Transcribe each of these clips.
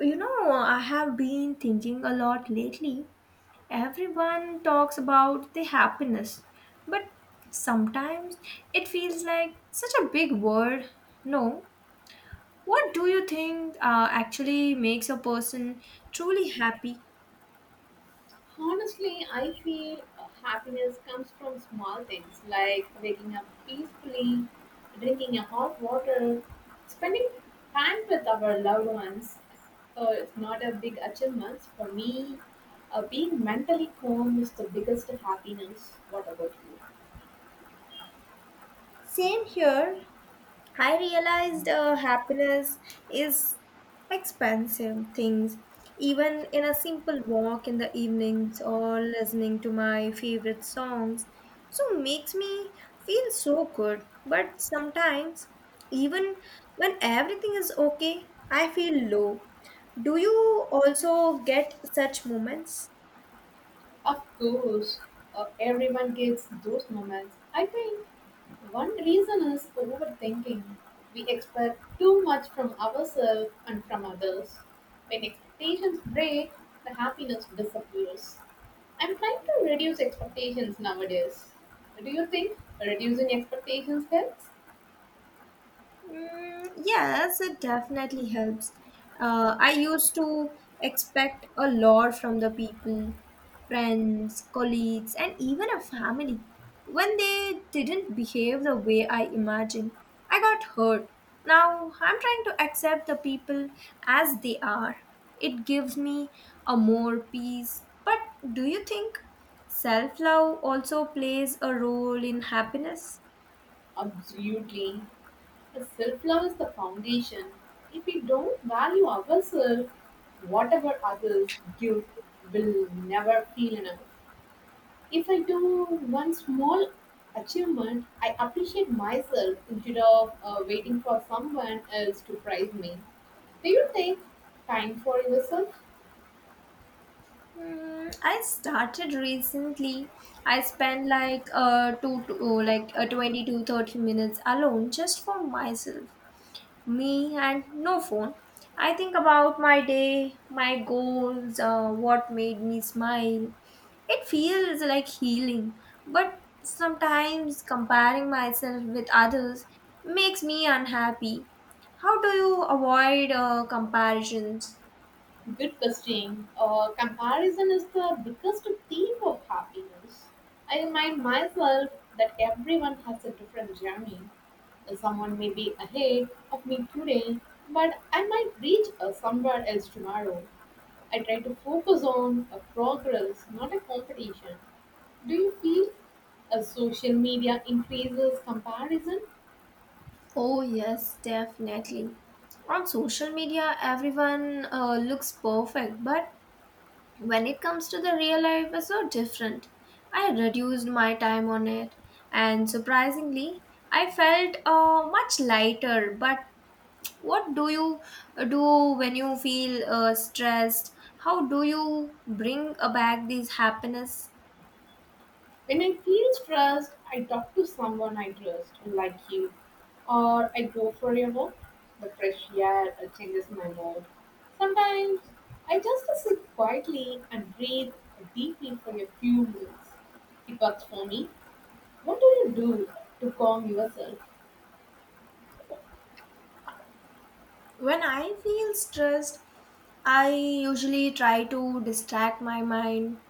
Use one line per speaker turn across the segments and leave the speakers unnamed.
I have been thinking a lot lately. Everyone talks about the happiness, but sometimes it feels like such a big word. No, what do you think actually makes a person truly happy?
Honestly, I feel happiness comes from small things like waking up peacefully, drinking a hot water, spending time with our loved ones. It's not a big achievement for me. Being mentally calm is the biggest happiness. What about you?
Same here. I realized happiness is expensive things. Even in a simple walk in the evenings or listening to my favorite songs, so makes me feel so good. But sometimes, even when everything is okay, I feel low. Do you also get such moments?
Of course, everyone gets those moments. I think one reason is overthinking. We expect too much from ourselves and from others. When expectations break, the happiness disappears. I'm trying to reduce expectations nowadays. Do you think reducing expectations helps?
Mm, yes, it definitely helps. I used to expect a lot from the people, friends, colleagues, and even a family. When they didn't behave the way I imagined, I got hurt. Now I'm trying to accept the people as they are. It gives me a more peace. But do you think self love also plays a role in happiness?
Absolutely. Self love is the foundation. If we don't value ourselves, whatever others give will never feel enough. If I do one small achievement, I appreciate myself instead of waiting for someone else to praise me. Do you think time for yourself?
Hmm, I started recently. I spent like 20 to 30 minutes alone just for myself, me and no phone. I think about my day, my goals, what made me smile. It feels like healing, but sometimes comparing myself with others makes me unhappy. How do you avoid comparisons?
Good question. Comparison is the biggest thief of happiness. I remind myself that everyone has a different journey. Someone may be ahead of me today, but I might reach somewhere else tomorrow. I try to focus on a progress, not a competition. Do you feel a social media increases comparison?
Oh, yes, definitely. On social media, everyone looks perfect, but when it comes to the real life, it's so different. I reduced my time on it, and surprisingly, I felt much lighter. But what do you do when you feel stressed? How do you bring back this happiness?
When I feel stressed, I talk to someone I trust, like you, or I go for a walk. The fresh air changes my mood. Sometimes I just sit quietly and breathe deeply for a few minutes. It works for me. What do you do to calm yourself?
When I feel stressed, I usually try to distract my mind.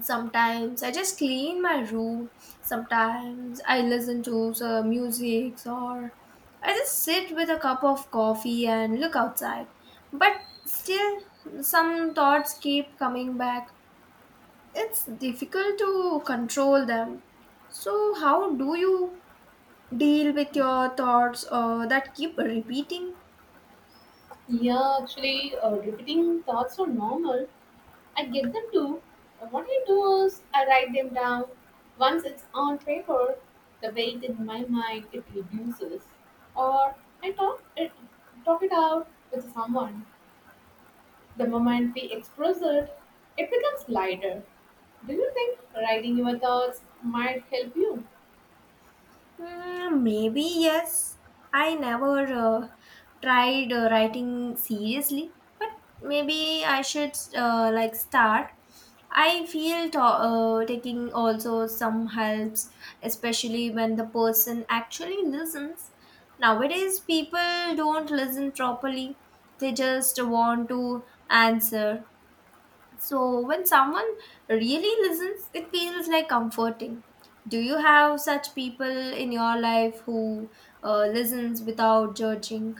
Sometimes I just clean my room, sometimes I listen to some music, or I just sit with a cup of coffee and look outside. But still, some thoughts keep coming back, it's difficult to control them. So how do you deal with your thoughts that keep repeating?
Yeah, actually, repeating thoughts are normal. I get them too. And what I do is I write them down. Once it's on paper, the weight in my mind it reduces. Or I talk it out with someone. The moment we express it, it becomes lighter. Do you think writing your thoughts might help you?
Mm, maybe yes. I never tried writing seriously, but maybe I should like start. I feel taking also some helps, especially when the person actually listens. Nowadays, people don't listen properly; they just want to answer. So when someone really listens, it feels like comforting. Do you have such people in your life who listens without judging?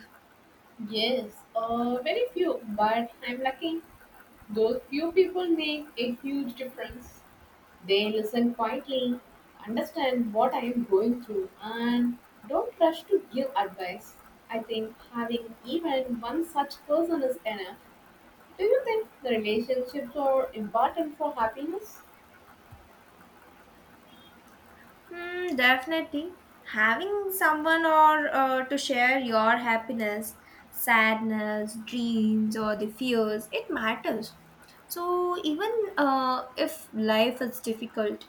Yes, very few, but I'm lucky. Those few people make a huge difference. They listen quietly, understand what I am going through, and don't rush to give advice. I think having even one such person is enough. Do you think the relationships are important for happiness?
Hmm, definitely. Having someone or to share your happiness, sadness, dreams, or the fears, it matters. So even if life is difficult,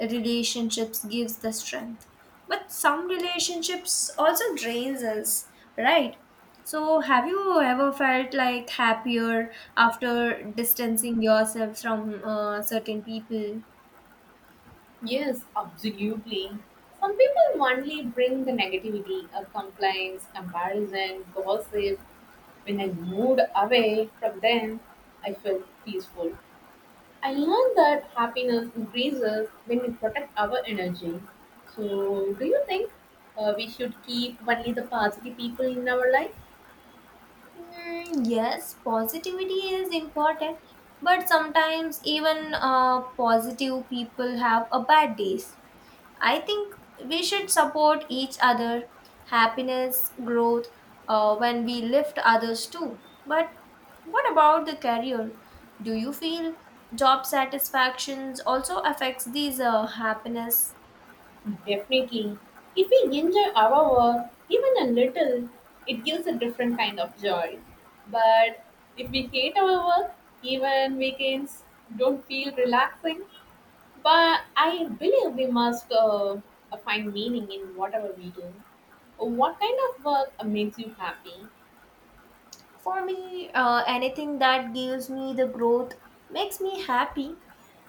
relationships gives the strength. But some relationships also drains us, right? So have you ever felt like happier after distancing yourself from certain people?
Yes, absolutely. Some people only bring the negativity, complaints, comparison, gossip. When I moved away from them, I felt peaceful. I learned that happiness increases when we protect our energy. So, do you think we should keep only the positive people in our life?
Mm, yes, positivity is important, but sometimes even positive people have a bad days. I think we should support each other, happiness, growth, when we lift others too. But what about the career? Do you feel job satisfactions also affects these happiness?
Definitely. If we enjoy our work, even a little, it gives a different kind of joy. But if we hate our work, even weekends don't feel relaxing. But I believe we must find meaning in whatever we do. What kind of work makes you happy?
For me, anything that gives me the growth makes me happy.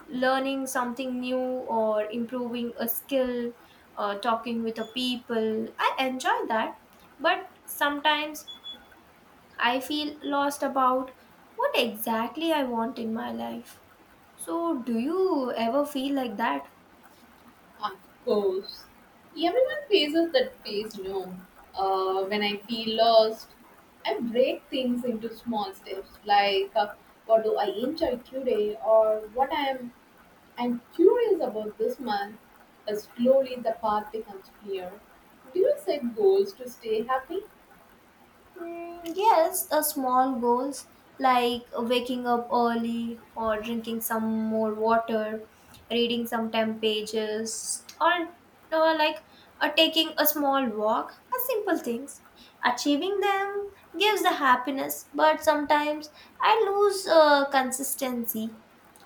Learning something new or improving a skill, talking with the people, I enjoy that. But sometimes I feel lost about what exactly I want in my life. So, do you ever feel like that?
Of course, everyone faces that phase. No, when I feel lost, I break things into small steps like what do I enjoy today or what I'm curious about this month. Slowly, the path becomes clear. Do you set goals to stay happy?
Mm, yes, a small goals like waking up early or drinking some more water, reading some 10 pages, or like or taking a small walk are simple things. Achieving them gives the happiness, but sometimes I lose consistency.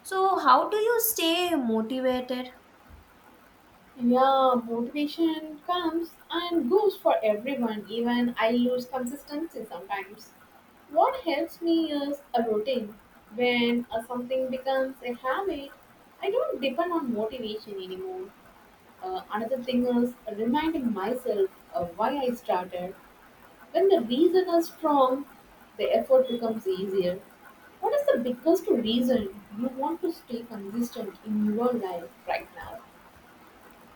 So, how do you stay motivated?
Yeah, motivation comes and goes for everyone. Even I lose consistency sometimes. What helps me is a routine. When something becomes a habit, I don't depend on motivation anymore. Another thing is reminding myself of why I started. When the reason is strong, the effort becomes easier. What is the biggest reason you want to stay consistent in your life right now?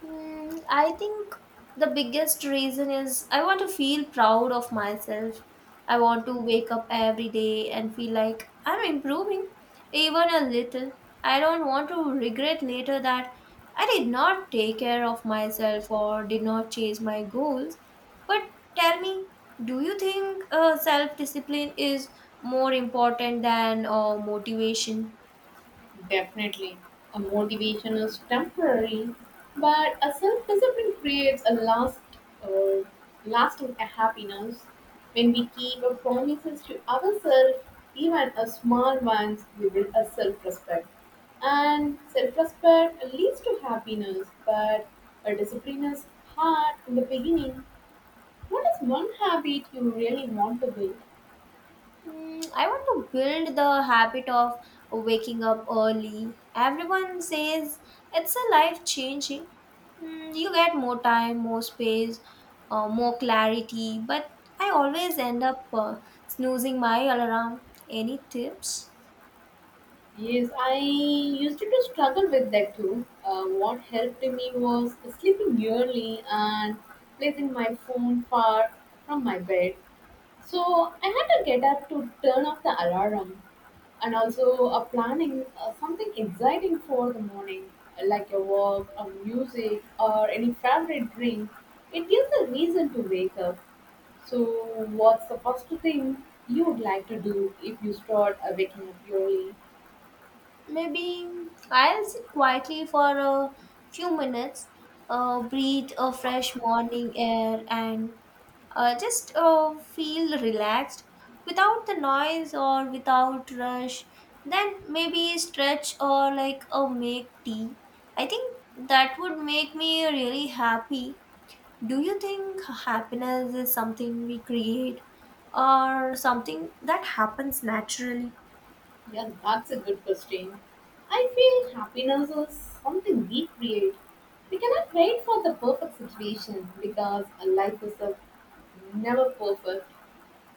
Mm, I think the biggest reason is I want to feel proud of myself. I want to wake up every day and feel like I'm improving, even a little. I don't want to regret later that I did not take care of myself or did not chase my goals. But tell me, do you think self discipline is more important than motivation?
Definitely. A motivation is temporary, but a self-discipline creates a uh, lasting happiness. When we keep our promises to ourselves, even a small ones, we build a self-respect. And self-respect leads to happiness, but a discipline is hard in the beginning. What is one habit you really want to build?
Mm, I want to build the habit of waking up early. Everyone says it's a life changing. Mm, you get more time, more space, more clarity, but I always end up snoozing my alarm. Any tips?
Yes, I used to struggle with that too. What helped me was sleeping early and placing my phone far from my bed. So I had to get up to turn off the alarm and also planning something exciting for the morning, like a walk or music or any favorite drink. It gives a reason to wake up. So, what's the first thing you would like to do if you start waking up early?
Maybe I'll sit quietly for a few minutes, breathe a fresh morning air, and just feel relaxed without the noise or without rush. Then maybe stretch or make tea. I think that would make me really happy. Do you think happiness is something we create or something that happens naturally?
Yeah, that's a good question. I feel happiness is something we create. We cannot wait for the perfect situation because a life is a never perfect.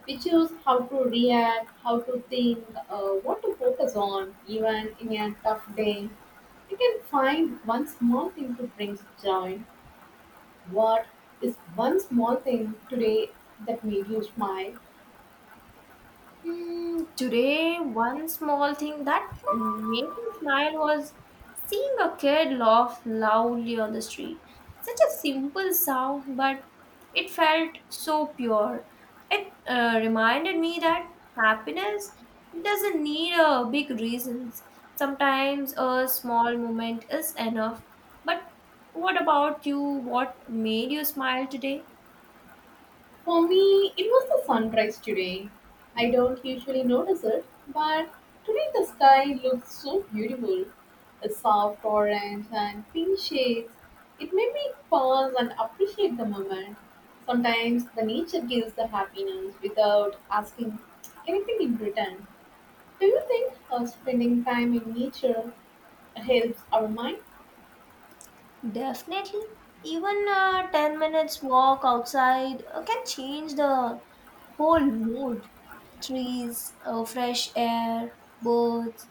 We choose how to react, how to think, what to focus on, even in a tough day. We can find one small thing to bring joy. What is one small thing today that made you smile?
Hmm, today, one small thing that made me smile was seeing a kid laugh loudly on the street. Such a simple sound, but it felt so pure. It reminded me that happiness doesn't need a big reasons. Sometimes a small moment is enough. But what about you? What made you smile today?
For me, it was the sunrise today. I don't usually notice it, but today the sky looked so beautiful. A soft orange and pink shades. It made me pause and appreciate the moment. Sometimes the nature gives the happiness without asking anything in return. Do you think spending time in nature helps our mind?
Definitely. Even a 10 minutes walk outside can change the whole mood. Trees, fresh air, birds.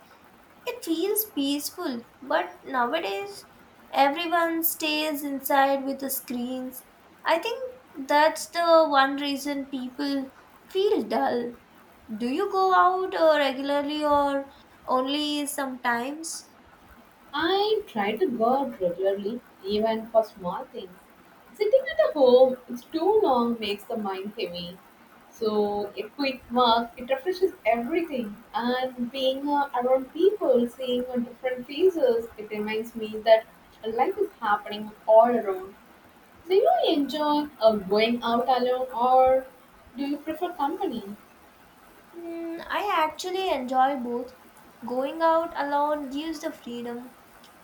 It feels peaceful. But nowadays, everyone stays inside with the screens. I think that's the one reason people feel dull. Do you go out regularly or only sometimes?
I try to go out regularly, even for small things. Sitting at a home it's too long makes the mind heavy. So a quick walk, it refreshes everything. And being around people, seeing different faces, it reminds me that life is happening all around. Do you enjoy going out alone or do you prefer company?
Mm, I actually enjoy both. Going out alone gives the freedom.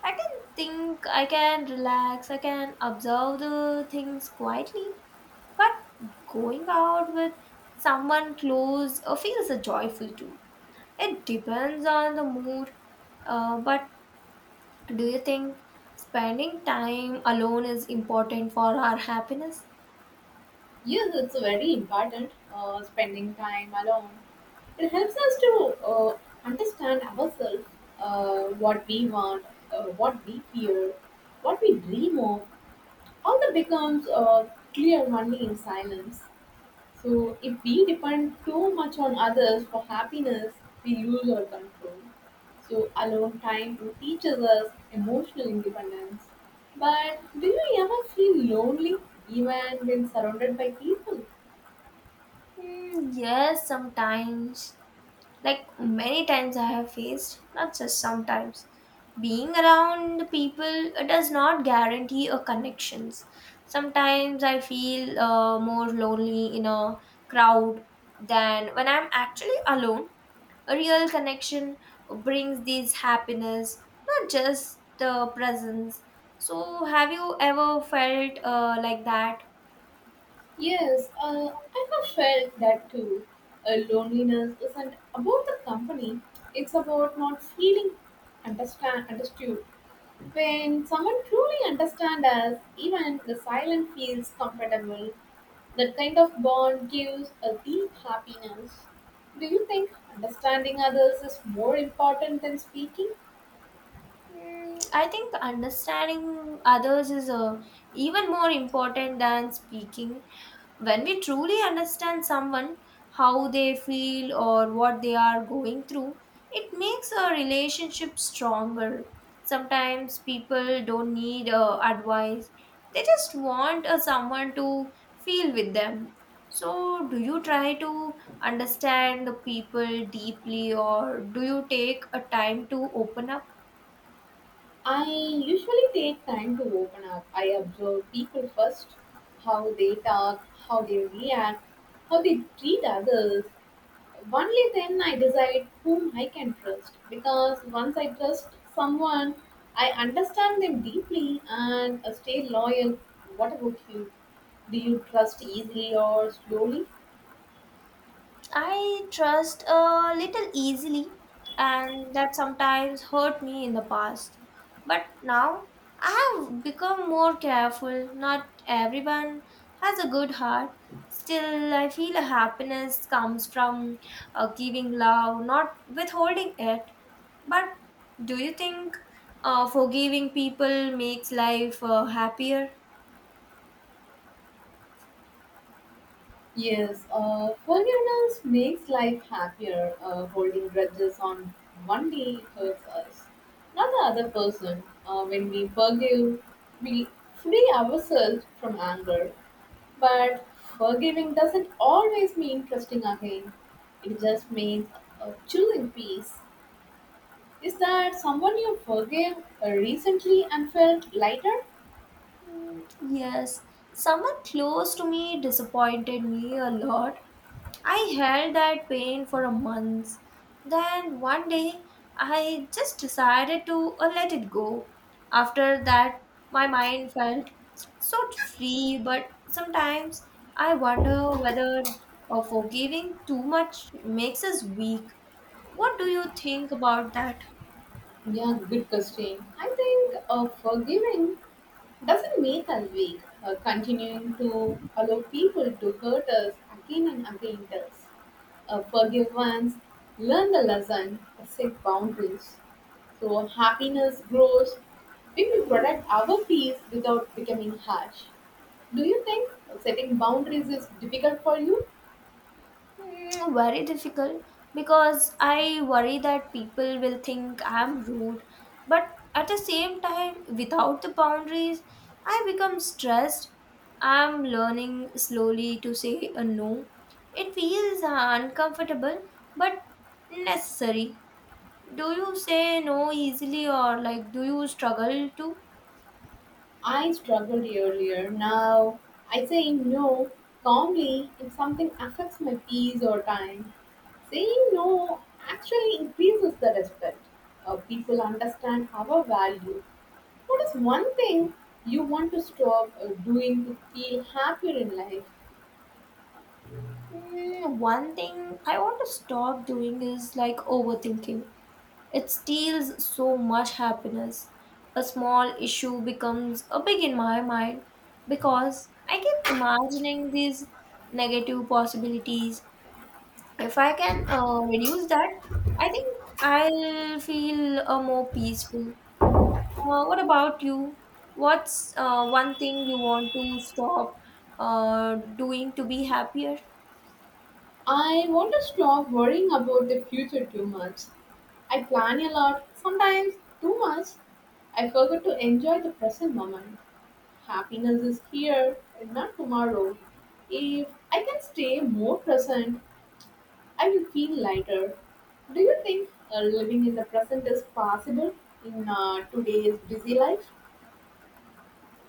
I can think, I can relax, I can observe the things quietly. But going out with someone close feels joyful too. It depends on the mood. But do you think spending time alone is important for our happiness?
Yes, it's very important spending time alone. It helps us to understand ourselves, what we want, what we fear, what we dream of. All that becomes clear only in silence. So, if we depend too much on others for happiness, we lose our control. So, alone time teaches us emotional independence. But do you ever feel lonely even when surrounded by people?
Mm, yes, sometimes. Like many times I have faced, not just sometimes. Being around people does not guarantee a connections. Sometimes I feel more lonely in a crowd than when I'm actually alone. A real connection brings this happiness, not just the presence. So, have you ever felt like that?
Yes, I have felt that too. Loneliness isn't about the company, it's about not feeling understand understood. When someone truly understands us, even the silent feels comfortable. That kind of bond gives a deep happiness. Do you think understanding others is more important than speaking?
Mm, I think understanding others is even more important than speaking. When we truly understand someone, how they feel or what they are going through, it makes a relationship stronger. Sometimes people don't need advice, they just want someone to feel with them. So, do you try to understand the people deeply or do you take a time to open up?
I usually take time to open up. I observe people first, how they talk, how they react, how they treat others. Only then I decide whom I can trust. Because once I trust someone, I understand them deeply and stay loyal. What about you? Do you trust easily or slowly?
I trust a little easily, and that sometimes hurt me in the past. But now I have become more careful. Not everyone has a good heart. Still, I feel a happiness comes from giving love, not withholding it. But do you think forgiving people makes life happier?
Yes, forgiveness makes life happier. Holding grudges on one day hurts us, not the other person. When we forgive, we free ourselves from anger. But forgiving doesn't always mean trusting again. It just means choosing peace. Is that someone you forgave recently and felt lighter?
Mm, yes, someone close to me disappointed me a lot, I held that pain for a month. Then one day, I just decided to let it go. After that, my mind felt so free, but sometimes I wonder whether forgiving too much makes us weak. What do you think about that?
Yeah, good question. I think forgiving doesn't make us weak. Continuing to allow people to hurt us again and again does. Forgive once, learn the lesson, set boundaries. So happiness grows when we protect our peace without becoming harsh. Do you think setting boundaries is difficult for you?
Mm, very difficult because I worry that people will think I'm rude, but at the same time, without the boundaries, I become stressed. I'm learning slowly to say a no. It feels uncomfortable but necessary. Do you say no easily or like do you struggle to?
I struggled earlier. Now I say no calmly if something affects my peace or time. Saying no actually increases the respect. People understand our value. What is one thing you want to stop doing to feel happier in life?
Mm, one thing I want to stop doing is like overthinking. It steals so much happiness. A small issue becomes a big in my mind because I keep imagining these negative possibilities. If I can reduce that, I think I'll feel more peaceful. What about you? What's one thing you want to stop doing to be happier?
I want to stop worrying about the future too much. I plan a lot, sometimes too much. I forget to enjoy the present moment. Happiness is here and not tomorrow. If I can stay more present, I will feel lighter. Do you think living in the present is possible in today's busy life?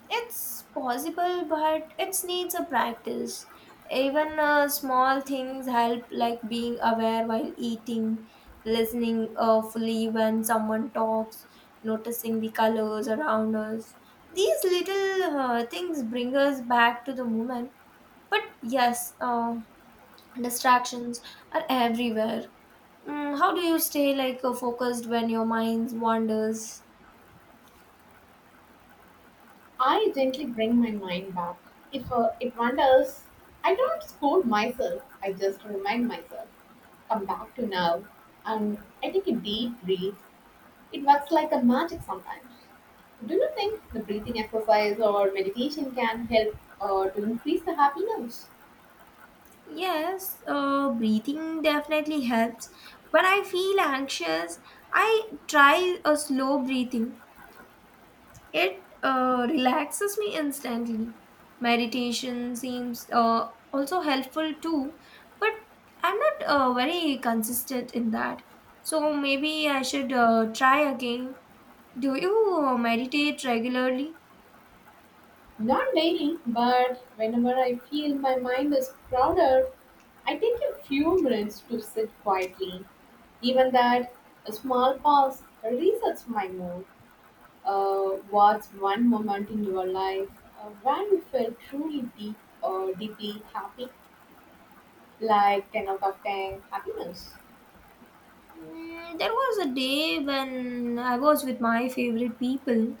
It's possible, but it needs a practice. Even small things help, like being aware while eating, listening fully when someone talks, noticing the colors around us. These little things bring us back to the moment. But yes, distractions are everywhere. Mm, how do you stay like focused when your mind wanders?
I gently bring my mind back. If it wanders, I don't scold myself. I just remind myself, come back to now. And I take a deep breath. It works like a magic sometimes. Do you think the breathing exercise or meditation can help to increase the happiness?
Yes, breathing definitely helps. When I feel anxious, I try a slow breathing. It relaxes me instantly. Meditation seems also helpful too, but I'm not very consistent in that. So maybe I should try again. Do you meditate regularly?
Not daily, but whenever I feel my mind is crowded, I take a few minutes to sit quietly. Even that, a small pause resets my mood. What's one moment in your life when you felt truly deep or deeply happy, like 10 out of 10 happiness?
Mm, there was a day when I was with my favorite people,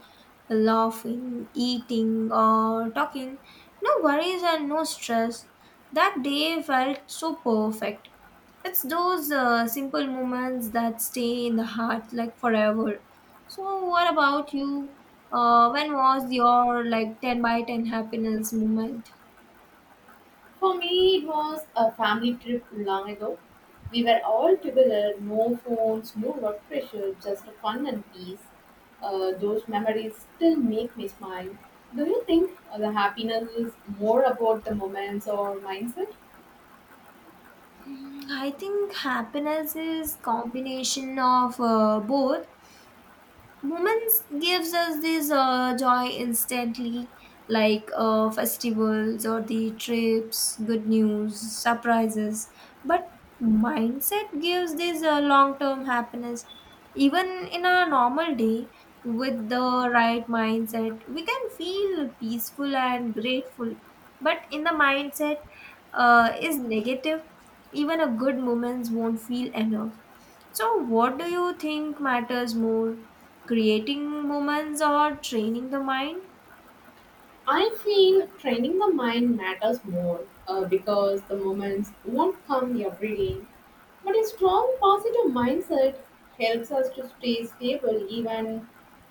laughing, eating, or talking. No worries and no stress. That day felt so perfect. It's those simple moments that stay in the heart like forever. So, what about you? When was your like 10 by 10 happiness moment?
For me, it was a family trip long ago. We were all together, no phones, no work pressure, just fun and peace. Those memories still make me smile. Do you think the happiness is more about the moments or mindset?
I think happiness is combination of both. Moments gives us this joy instantly, like festivals or the trips, good news, surprises, but mindset gives this long term happiness. Even in a normal day, with the right mindset we can feel peaceful and grateful, but in the mindset is negative, even a good moments won't feel enough. So, what do you think matters more, creating moments or training the mind?
I feel training the mind matters more because the moments won't come every day. But a strong positive mindset helps us to stay stable even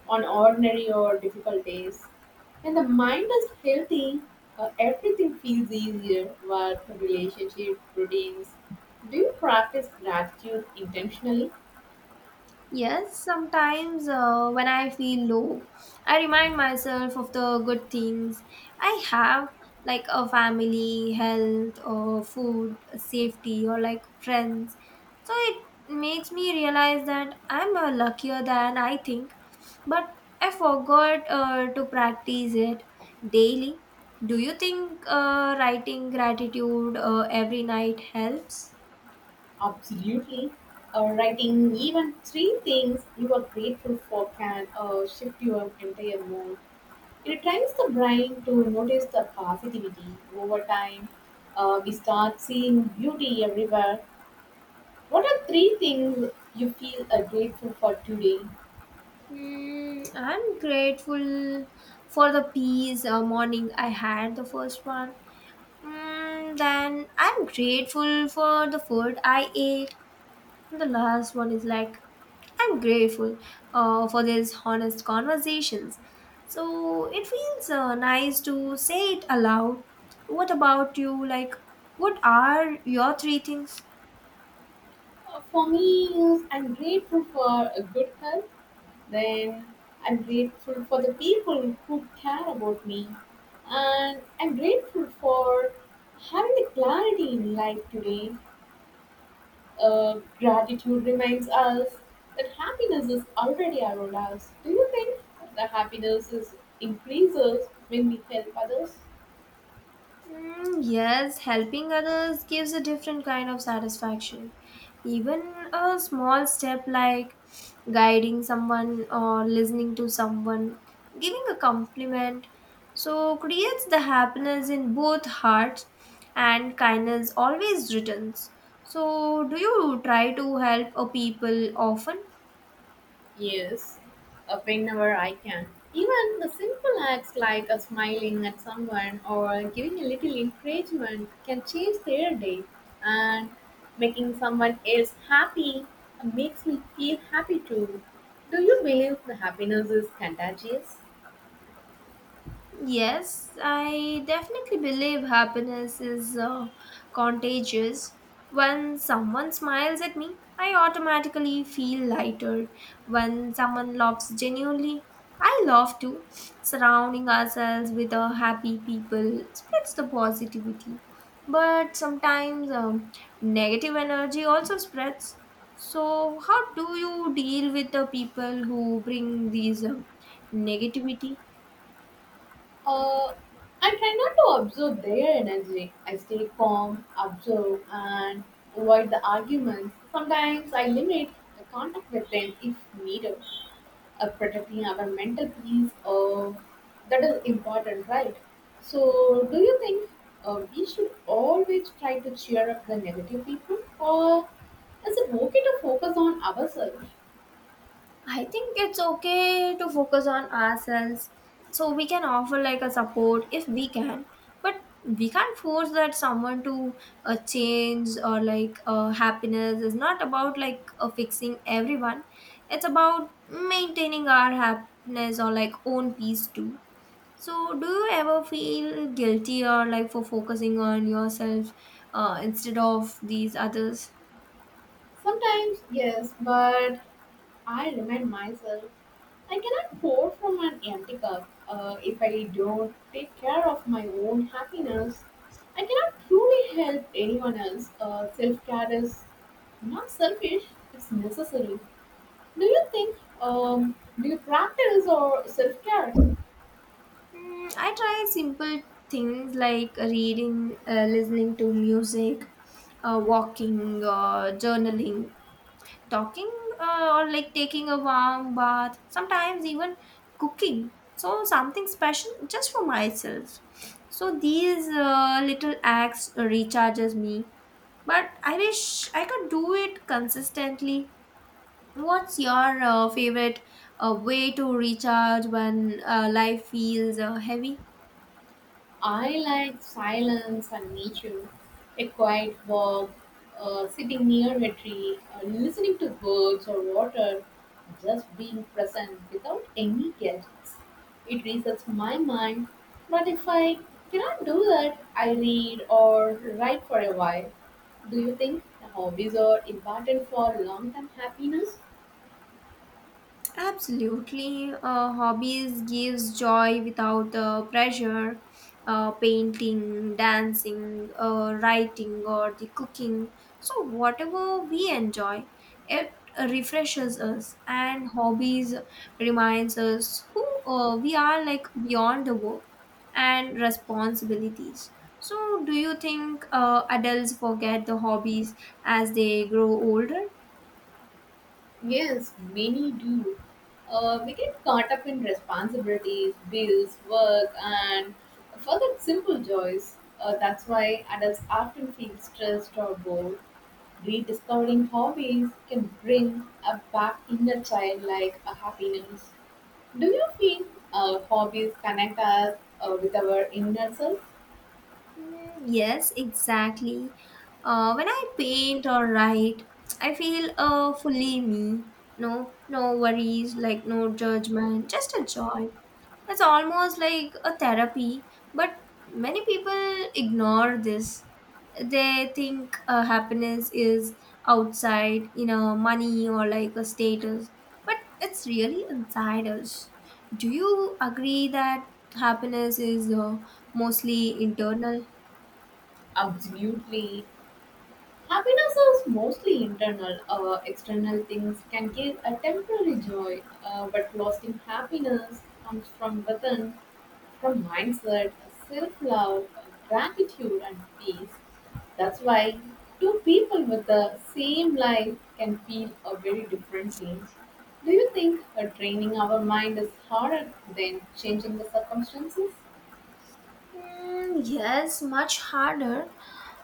on ordinary or difficult days. When the mind is healthy, everything feels easier work, relationship, routines. Do you practice gratitude intentionally?
Yes, sometimes when I feel low, I remind myself of the good things I have, like a family, health, or food, safety, or like friends. So it makes me realize that I'm luckier than I think, but I forgot to practice it daily. Do you think writing gratitude every night helps?
Absolutely. Writing even three things you are grateful for can shift your entire mood. It trains the brain to notice the positivity over time. We start seeing beauty everywhere. What are three things you feel grateful for today?
Mm, I'm grateful for the peace morning I had the first one. Then I'm grateful for the food I ate. And the last one is like, I'm grateful for these honest conversations. So it feels nice to say it aloud. What about you? Like, what are your three things?
For me, is I'm grateful for a good health. Then I'm grateful for the people who care about me, and I'm grateful for having the clarity in life today. Gratitude reminds us that happiness is already around us. Do you think the happiness is increases when we help others?
Yes, helping others gives a different kind of satisfaction. Even a small step like guiding someone or listening to someone, giving a compliment, so creates the happiness in both hearts and kindness always returns. So, do you try to help a people often?
Yes, whenever I can. Even the simple acts like a smiling at someone or giving a little encouragement can change their day. And making someone else happy makes me feel happy too. Do you believe the happiness is contagious?
Yes, I definitely believe happiness is contagious. When someone smiles at me, I automatically feel lighter. When someone laughs genuinely, I laugh too. Surrounding ourselves with happy people spreads the positivity. But sometimes negative energy also spreads. So, how do you deal with the people who bring these negativity?
Uh, I try not to absorb their energy. I stay calm, observe, and avoid the arguments. Sometimes I limit the contact with them if needed. Protecting our mental peace, that is important, right? So do you think, we should always try to cheer up the negative people, or is it okay to focus on ourselves?
I think it's okay to focus on ourselves. So we can offer like a support if we can, but we can't force that someone to change or like happiness is not about like fixing everyone. It's about maintaining our happiness or like own peace too. So do you ever feel guilty or like for focusing on yourself instead of these others?
Sometimes, yes, but I remind myself, I cannot pour from an empty cup. If I don't take care of my own happiness, I cannot truly help anyone else. Self-care is not selfish, it's necessary. Do you think, um, do you practice or self care?
I try simple things like reading, listening to music, walking, journaling, talking, or like taking a warm bath, sometimes even cooking. So, something special just for myself. So, these little acts recharges me, but I wish I could do it consistently. What's your favorite way to recharge when life feels heavy?
I like silence and nature, a quiet walk, sitting near a tree, listening to birds or water, just being present without any gadgets. It resets my mind, but if I cannot do that, I read or write for a while. Do you think hobbies are important for long term happiness?
Absolutely. Hobbies gives joy without pressure. Painting, dancing, writing, or the cooking. So whatever we enjoy, it refreshes us. And hobbies reminds us who we are, like beyond the work and responsibilities. So do you think adults forget the hobbies as they grow older?
Yes, many do. We get caught up in responsibilities, bills, work, and forget simple joys. That's why adults often feel stressed or bored. Rediscovering hobbies can bring a back inner child like a happiness. Do you feel, hobbies connect us, with our inner self?
Yes, exactly. When I paint or write, I feel fully me. No worries, like no judgment, just a joy. It's almost like a therapy, but many people ignore this. They think happiness is outside, money or like a status, but it's really inside us. Do you agree that happiness is mostly internal?
Absolutely. Happiness is mostly internal. External things can give a temporary joy, but lasting happiness comes from within, from mindset, self love, gratitude, and peace. That's why two people with the same life can feel, very differently. Do you think, training our mind is harder than changing the circumstances?
Yes, much harder.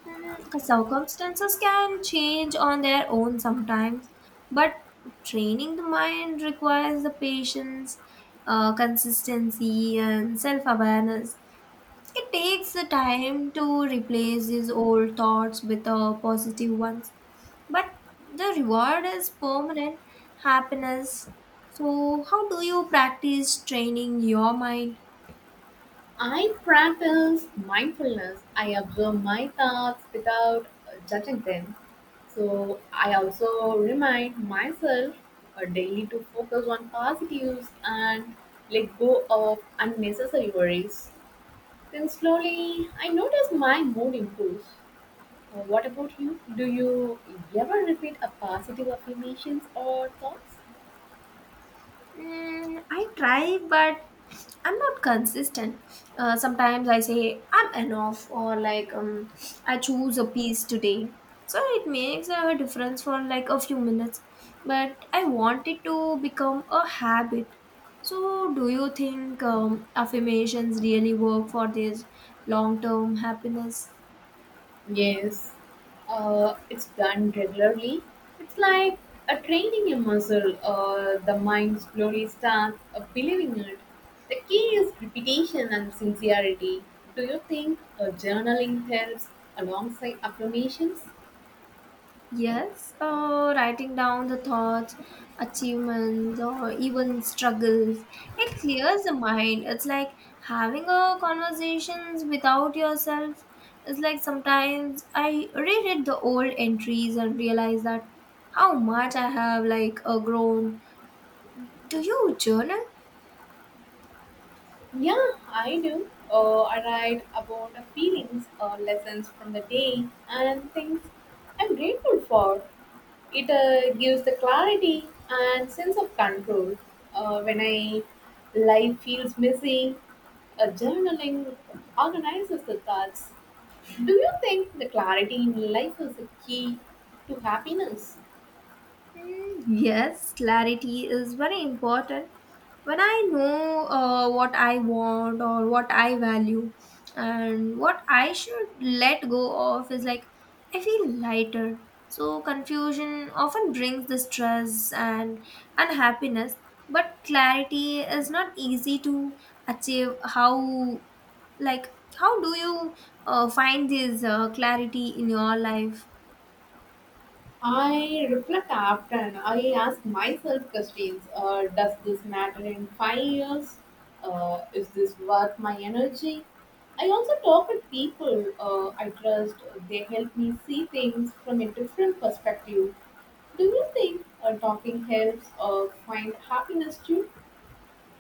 Circumstances can change on their own sometimes, but training the mind requires the patience, consistency, and self awareness. It takes the time to replace these old thoughts with positive ones, but the reward is permanent happiness. So, how do you practice training your mind?
I practice mindfulness. I observe my thoughts without, judging them. So I also remind myself, daily to focus on positives and let go of unnecessary worries. Then slowly I notice my mood improves. What about you? Do you ever repeat a positive affirmations or thoughts?
I try, but I'm not consistent. Sometimes I say I'm enough, or like I choose a piece today. So it makes a difference for like a few minutes, but I want it to become a habit. So, do you think affirmations really work for this long term happiness?
Yes, it's done regularly. It's like a training a muscle. The mind slowly starts, believing it. The key is repetition and sincerity. Do you think, journaling helps alongside affirmations?
Yes, writing down the thoughts, achievements, or even struggles, it clears the mind. It's like having a conversations without yourself. It's like sometimes I reread the old entries and realize that how much I have like grown. Do you journal?
Yeah, I do. I write about the feelings or lessons from the day and things I'm grateful for. It, gives the clarity and sense of control. When I life feels messy, journaling organizes the thoughts. Do you think the clarity in life is a key to happiness?
Yes, clarity is very important. When I know what I want or what I value and what I should let go of is like I feel lighter. So confusion often brings the stress and unhappiness, but clarity is not easy to achieve. Like how do you find this clarity in your life?
I reflect often. I ask myself questions. Does this matter in 5 years? Is this worth my energy? I also talk with people, I trust. They help me see things from a different perspective. Do you think, talking helps, find happiness too?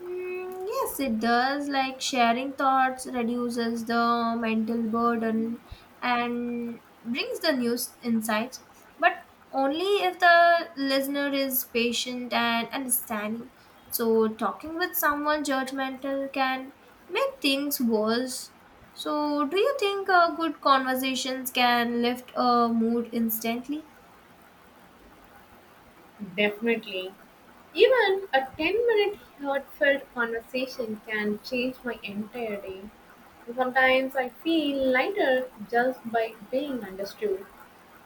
Yes, it does. Like sharing thoughts reduces the mental burden and brings the news insights, but only if the listener is patient and understanding. So, talking with someone judgmental can make things worse. So, do you think good conversations can lift a mood instantly?
Definitely. Even a 10-minute heartfelt conversation can change my entire day. Sometimes I feel lighter just by being understood.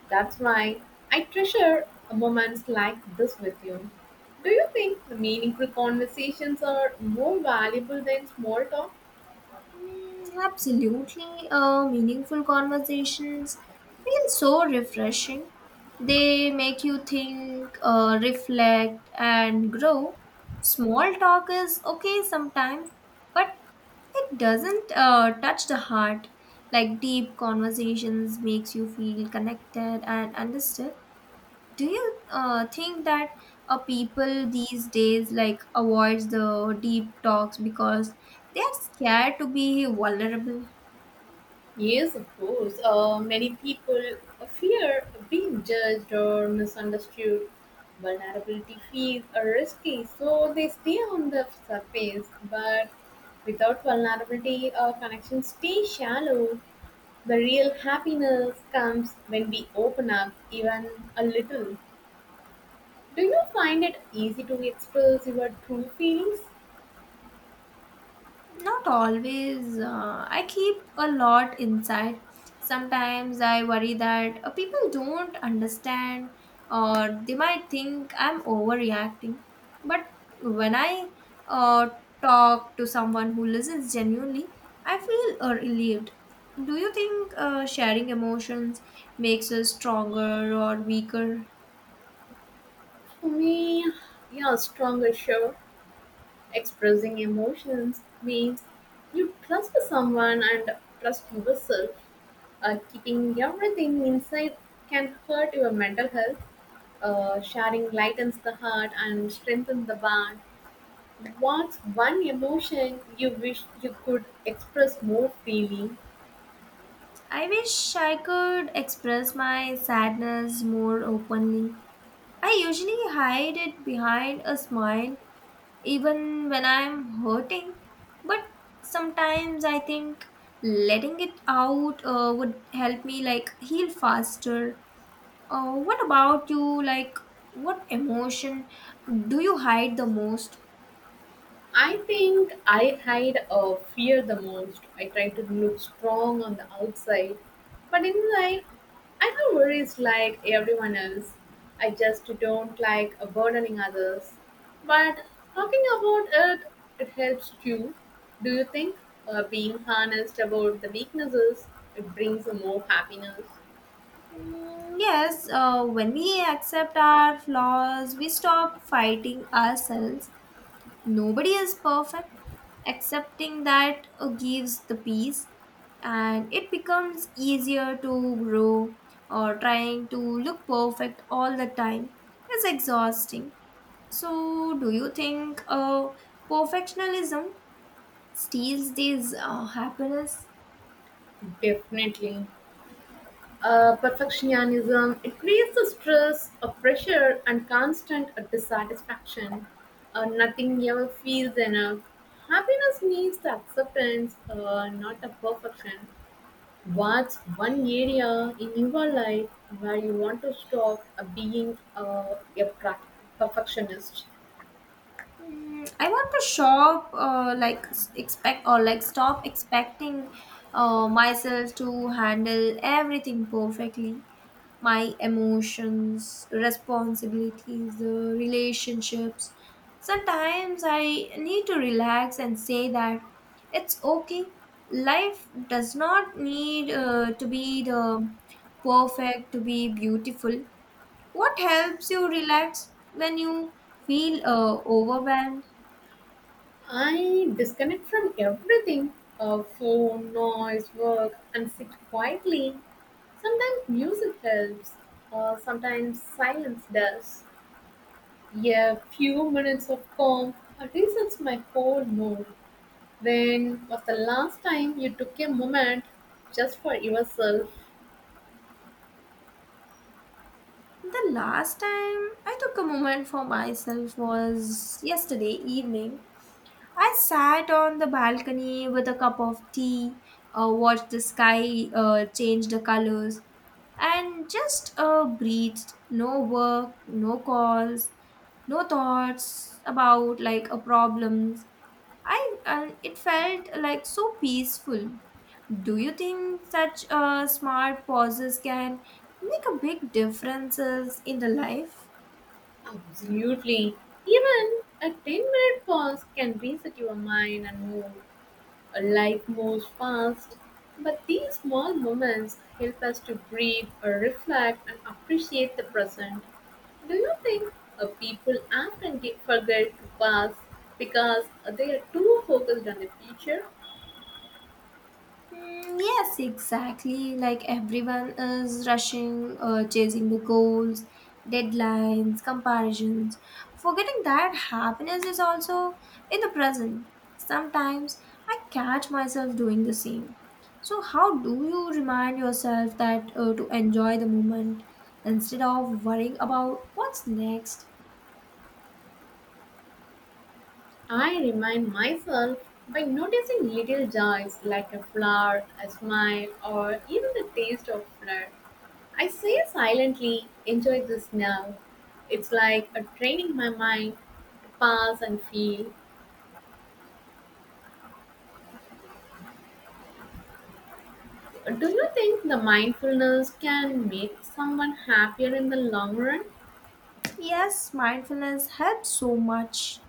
That's why I treasure moments like this with you. Do you think meaningful conversations are more valuable than small talk?
Absolutely. Meaningful conversations feel so refreshing. They make you think, reflect, and grow. Small talk is okay sometimes, but it doesn't touch the heart. Like deep conversations makes you feel connected and understood. Do you think that people these days like avoids the deep talks because they are scared to be vulnerable.
Yes, of course. Many people fear being judged or misunderstood. Vulnerability feels risky, so they stay on the surface. But without vulnerability, our connections stay shallow. The real happiness comes when we open up even a little. Do you find it easy to express your true feelings?
Not always. I keep a lot inside. Sometimes I worry that people don't understand or they might think I'm overreacting. But when I uh, talk to someone who listens genuinely, I feel relieved. Do you think sharing emotions makes us stronger or weaker?
For me, yeah, stronger sure. Expressing emotions means you trust someone and trust yourself. Keeping everything inside can hurt your mental health. Sharing lightens the heart and strengthens the bond. What's one emotion you wish you could express more freely?
I wish I could express my sadness more openly. I usually hide it behind a smile even when I'm hurting, but sometimes I think letting it out would help me like heal faster. What about you? Like, what emotion do you hide the most?
I think I hide a fear the most. I try to look strong on the outside, but inside I have worries like everyone else. I just don't like burdening others. But talking about it, it helps too. Do you think, being honest about the weaknesses, it brings more happiness?
Yes, when we accept our flaws, we stop fighting ourselves. Nobody is perfect. Accepting that gives the peace, and it becomes easier to grow or trying to look perfect all the time is exhausting. So, do you think perfectionism steals this happiness?
Definitely. Perfectionism it creates a stress, a pressure, and constant, dissatisfaction. Nothing ever feels enough. Happiness needs the acceptance, not the perfection. What's one area in your life where you want to stop, being, perfectionist?
I want to shop, like expect or like stop expecting myself to handle everything perfectly. My emotions, responsibilities, the relationships. Sometimes I need to relax and say that it's okay. Life does not need to be the perfect to be beautiful. What helps you relax when you feel overwhelmed?
I disconnect from everything, phone, noise, work, and sit quietly. Sometimes music helps, sometimes silence does. A few minutes of calm resets my whole mood. When was the last time you took a moment just for yourself?
The last time I took a moment for myself was yesterday evening. I sat on the balcony with a cup of tea, watched the sky change the colors, and just breathed. No work, no calls, no thoughts about like a problems I and it felt like so peaceful. Do you think such smart pauses can make a big differences in the life?
Absolutely. Even a 10-minute pause can reset your mind and mood. Life moves fast, but these small moments help us to breathe, reflect, and appreciate the present. Do you think, people often get forget to pass because they are too focused on the future?
Yes, exactly. Like everyone is rushing, chasing the goals, deadlines, comparisons, forgetting that happiness is also in the present. Sometimes I catch myself doing the same. So, how do you remind yourself that to enjoy the moment instead of worrying about what's next?
I remind myself by noticing little joys like a flower, a smile, or even the taste of flour. I say silently, enjoy this now. It's like a training my mind to pass and feel. Do you think the mindfulness can make someone happier in the long run?
Yes, mindfulness helps so much.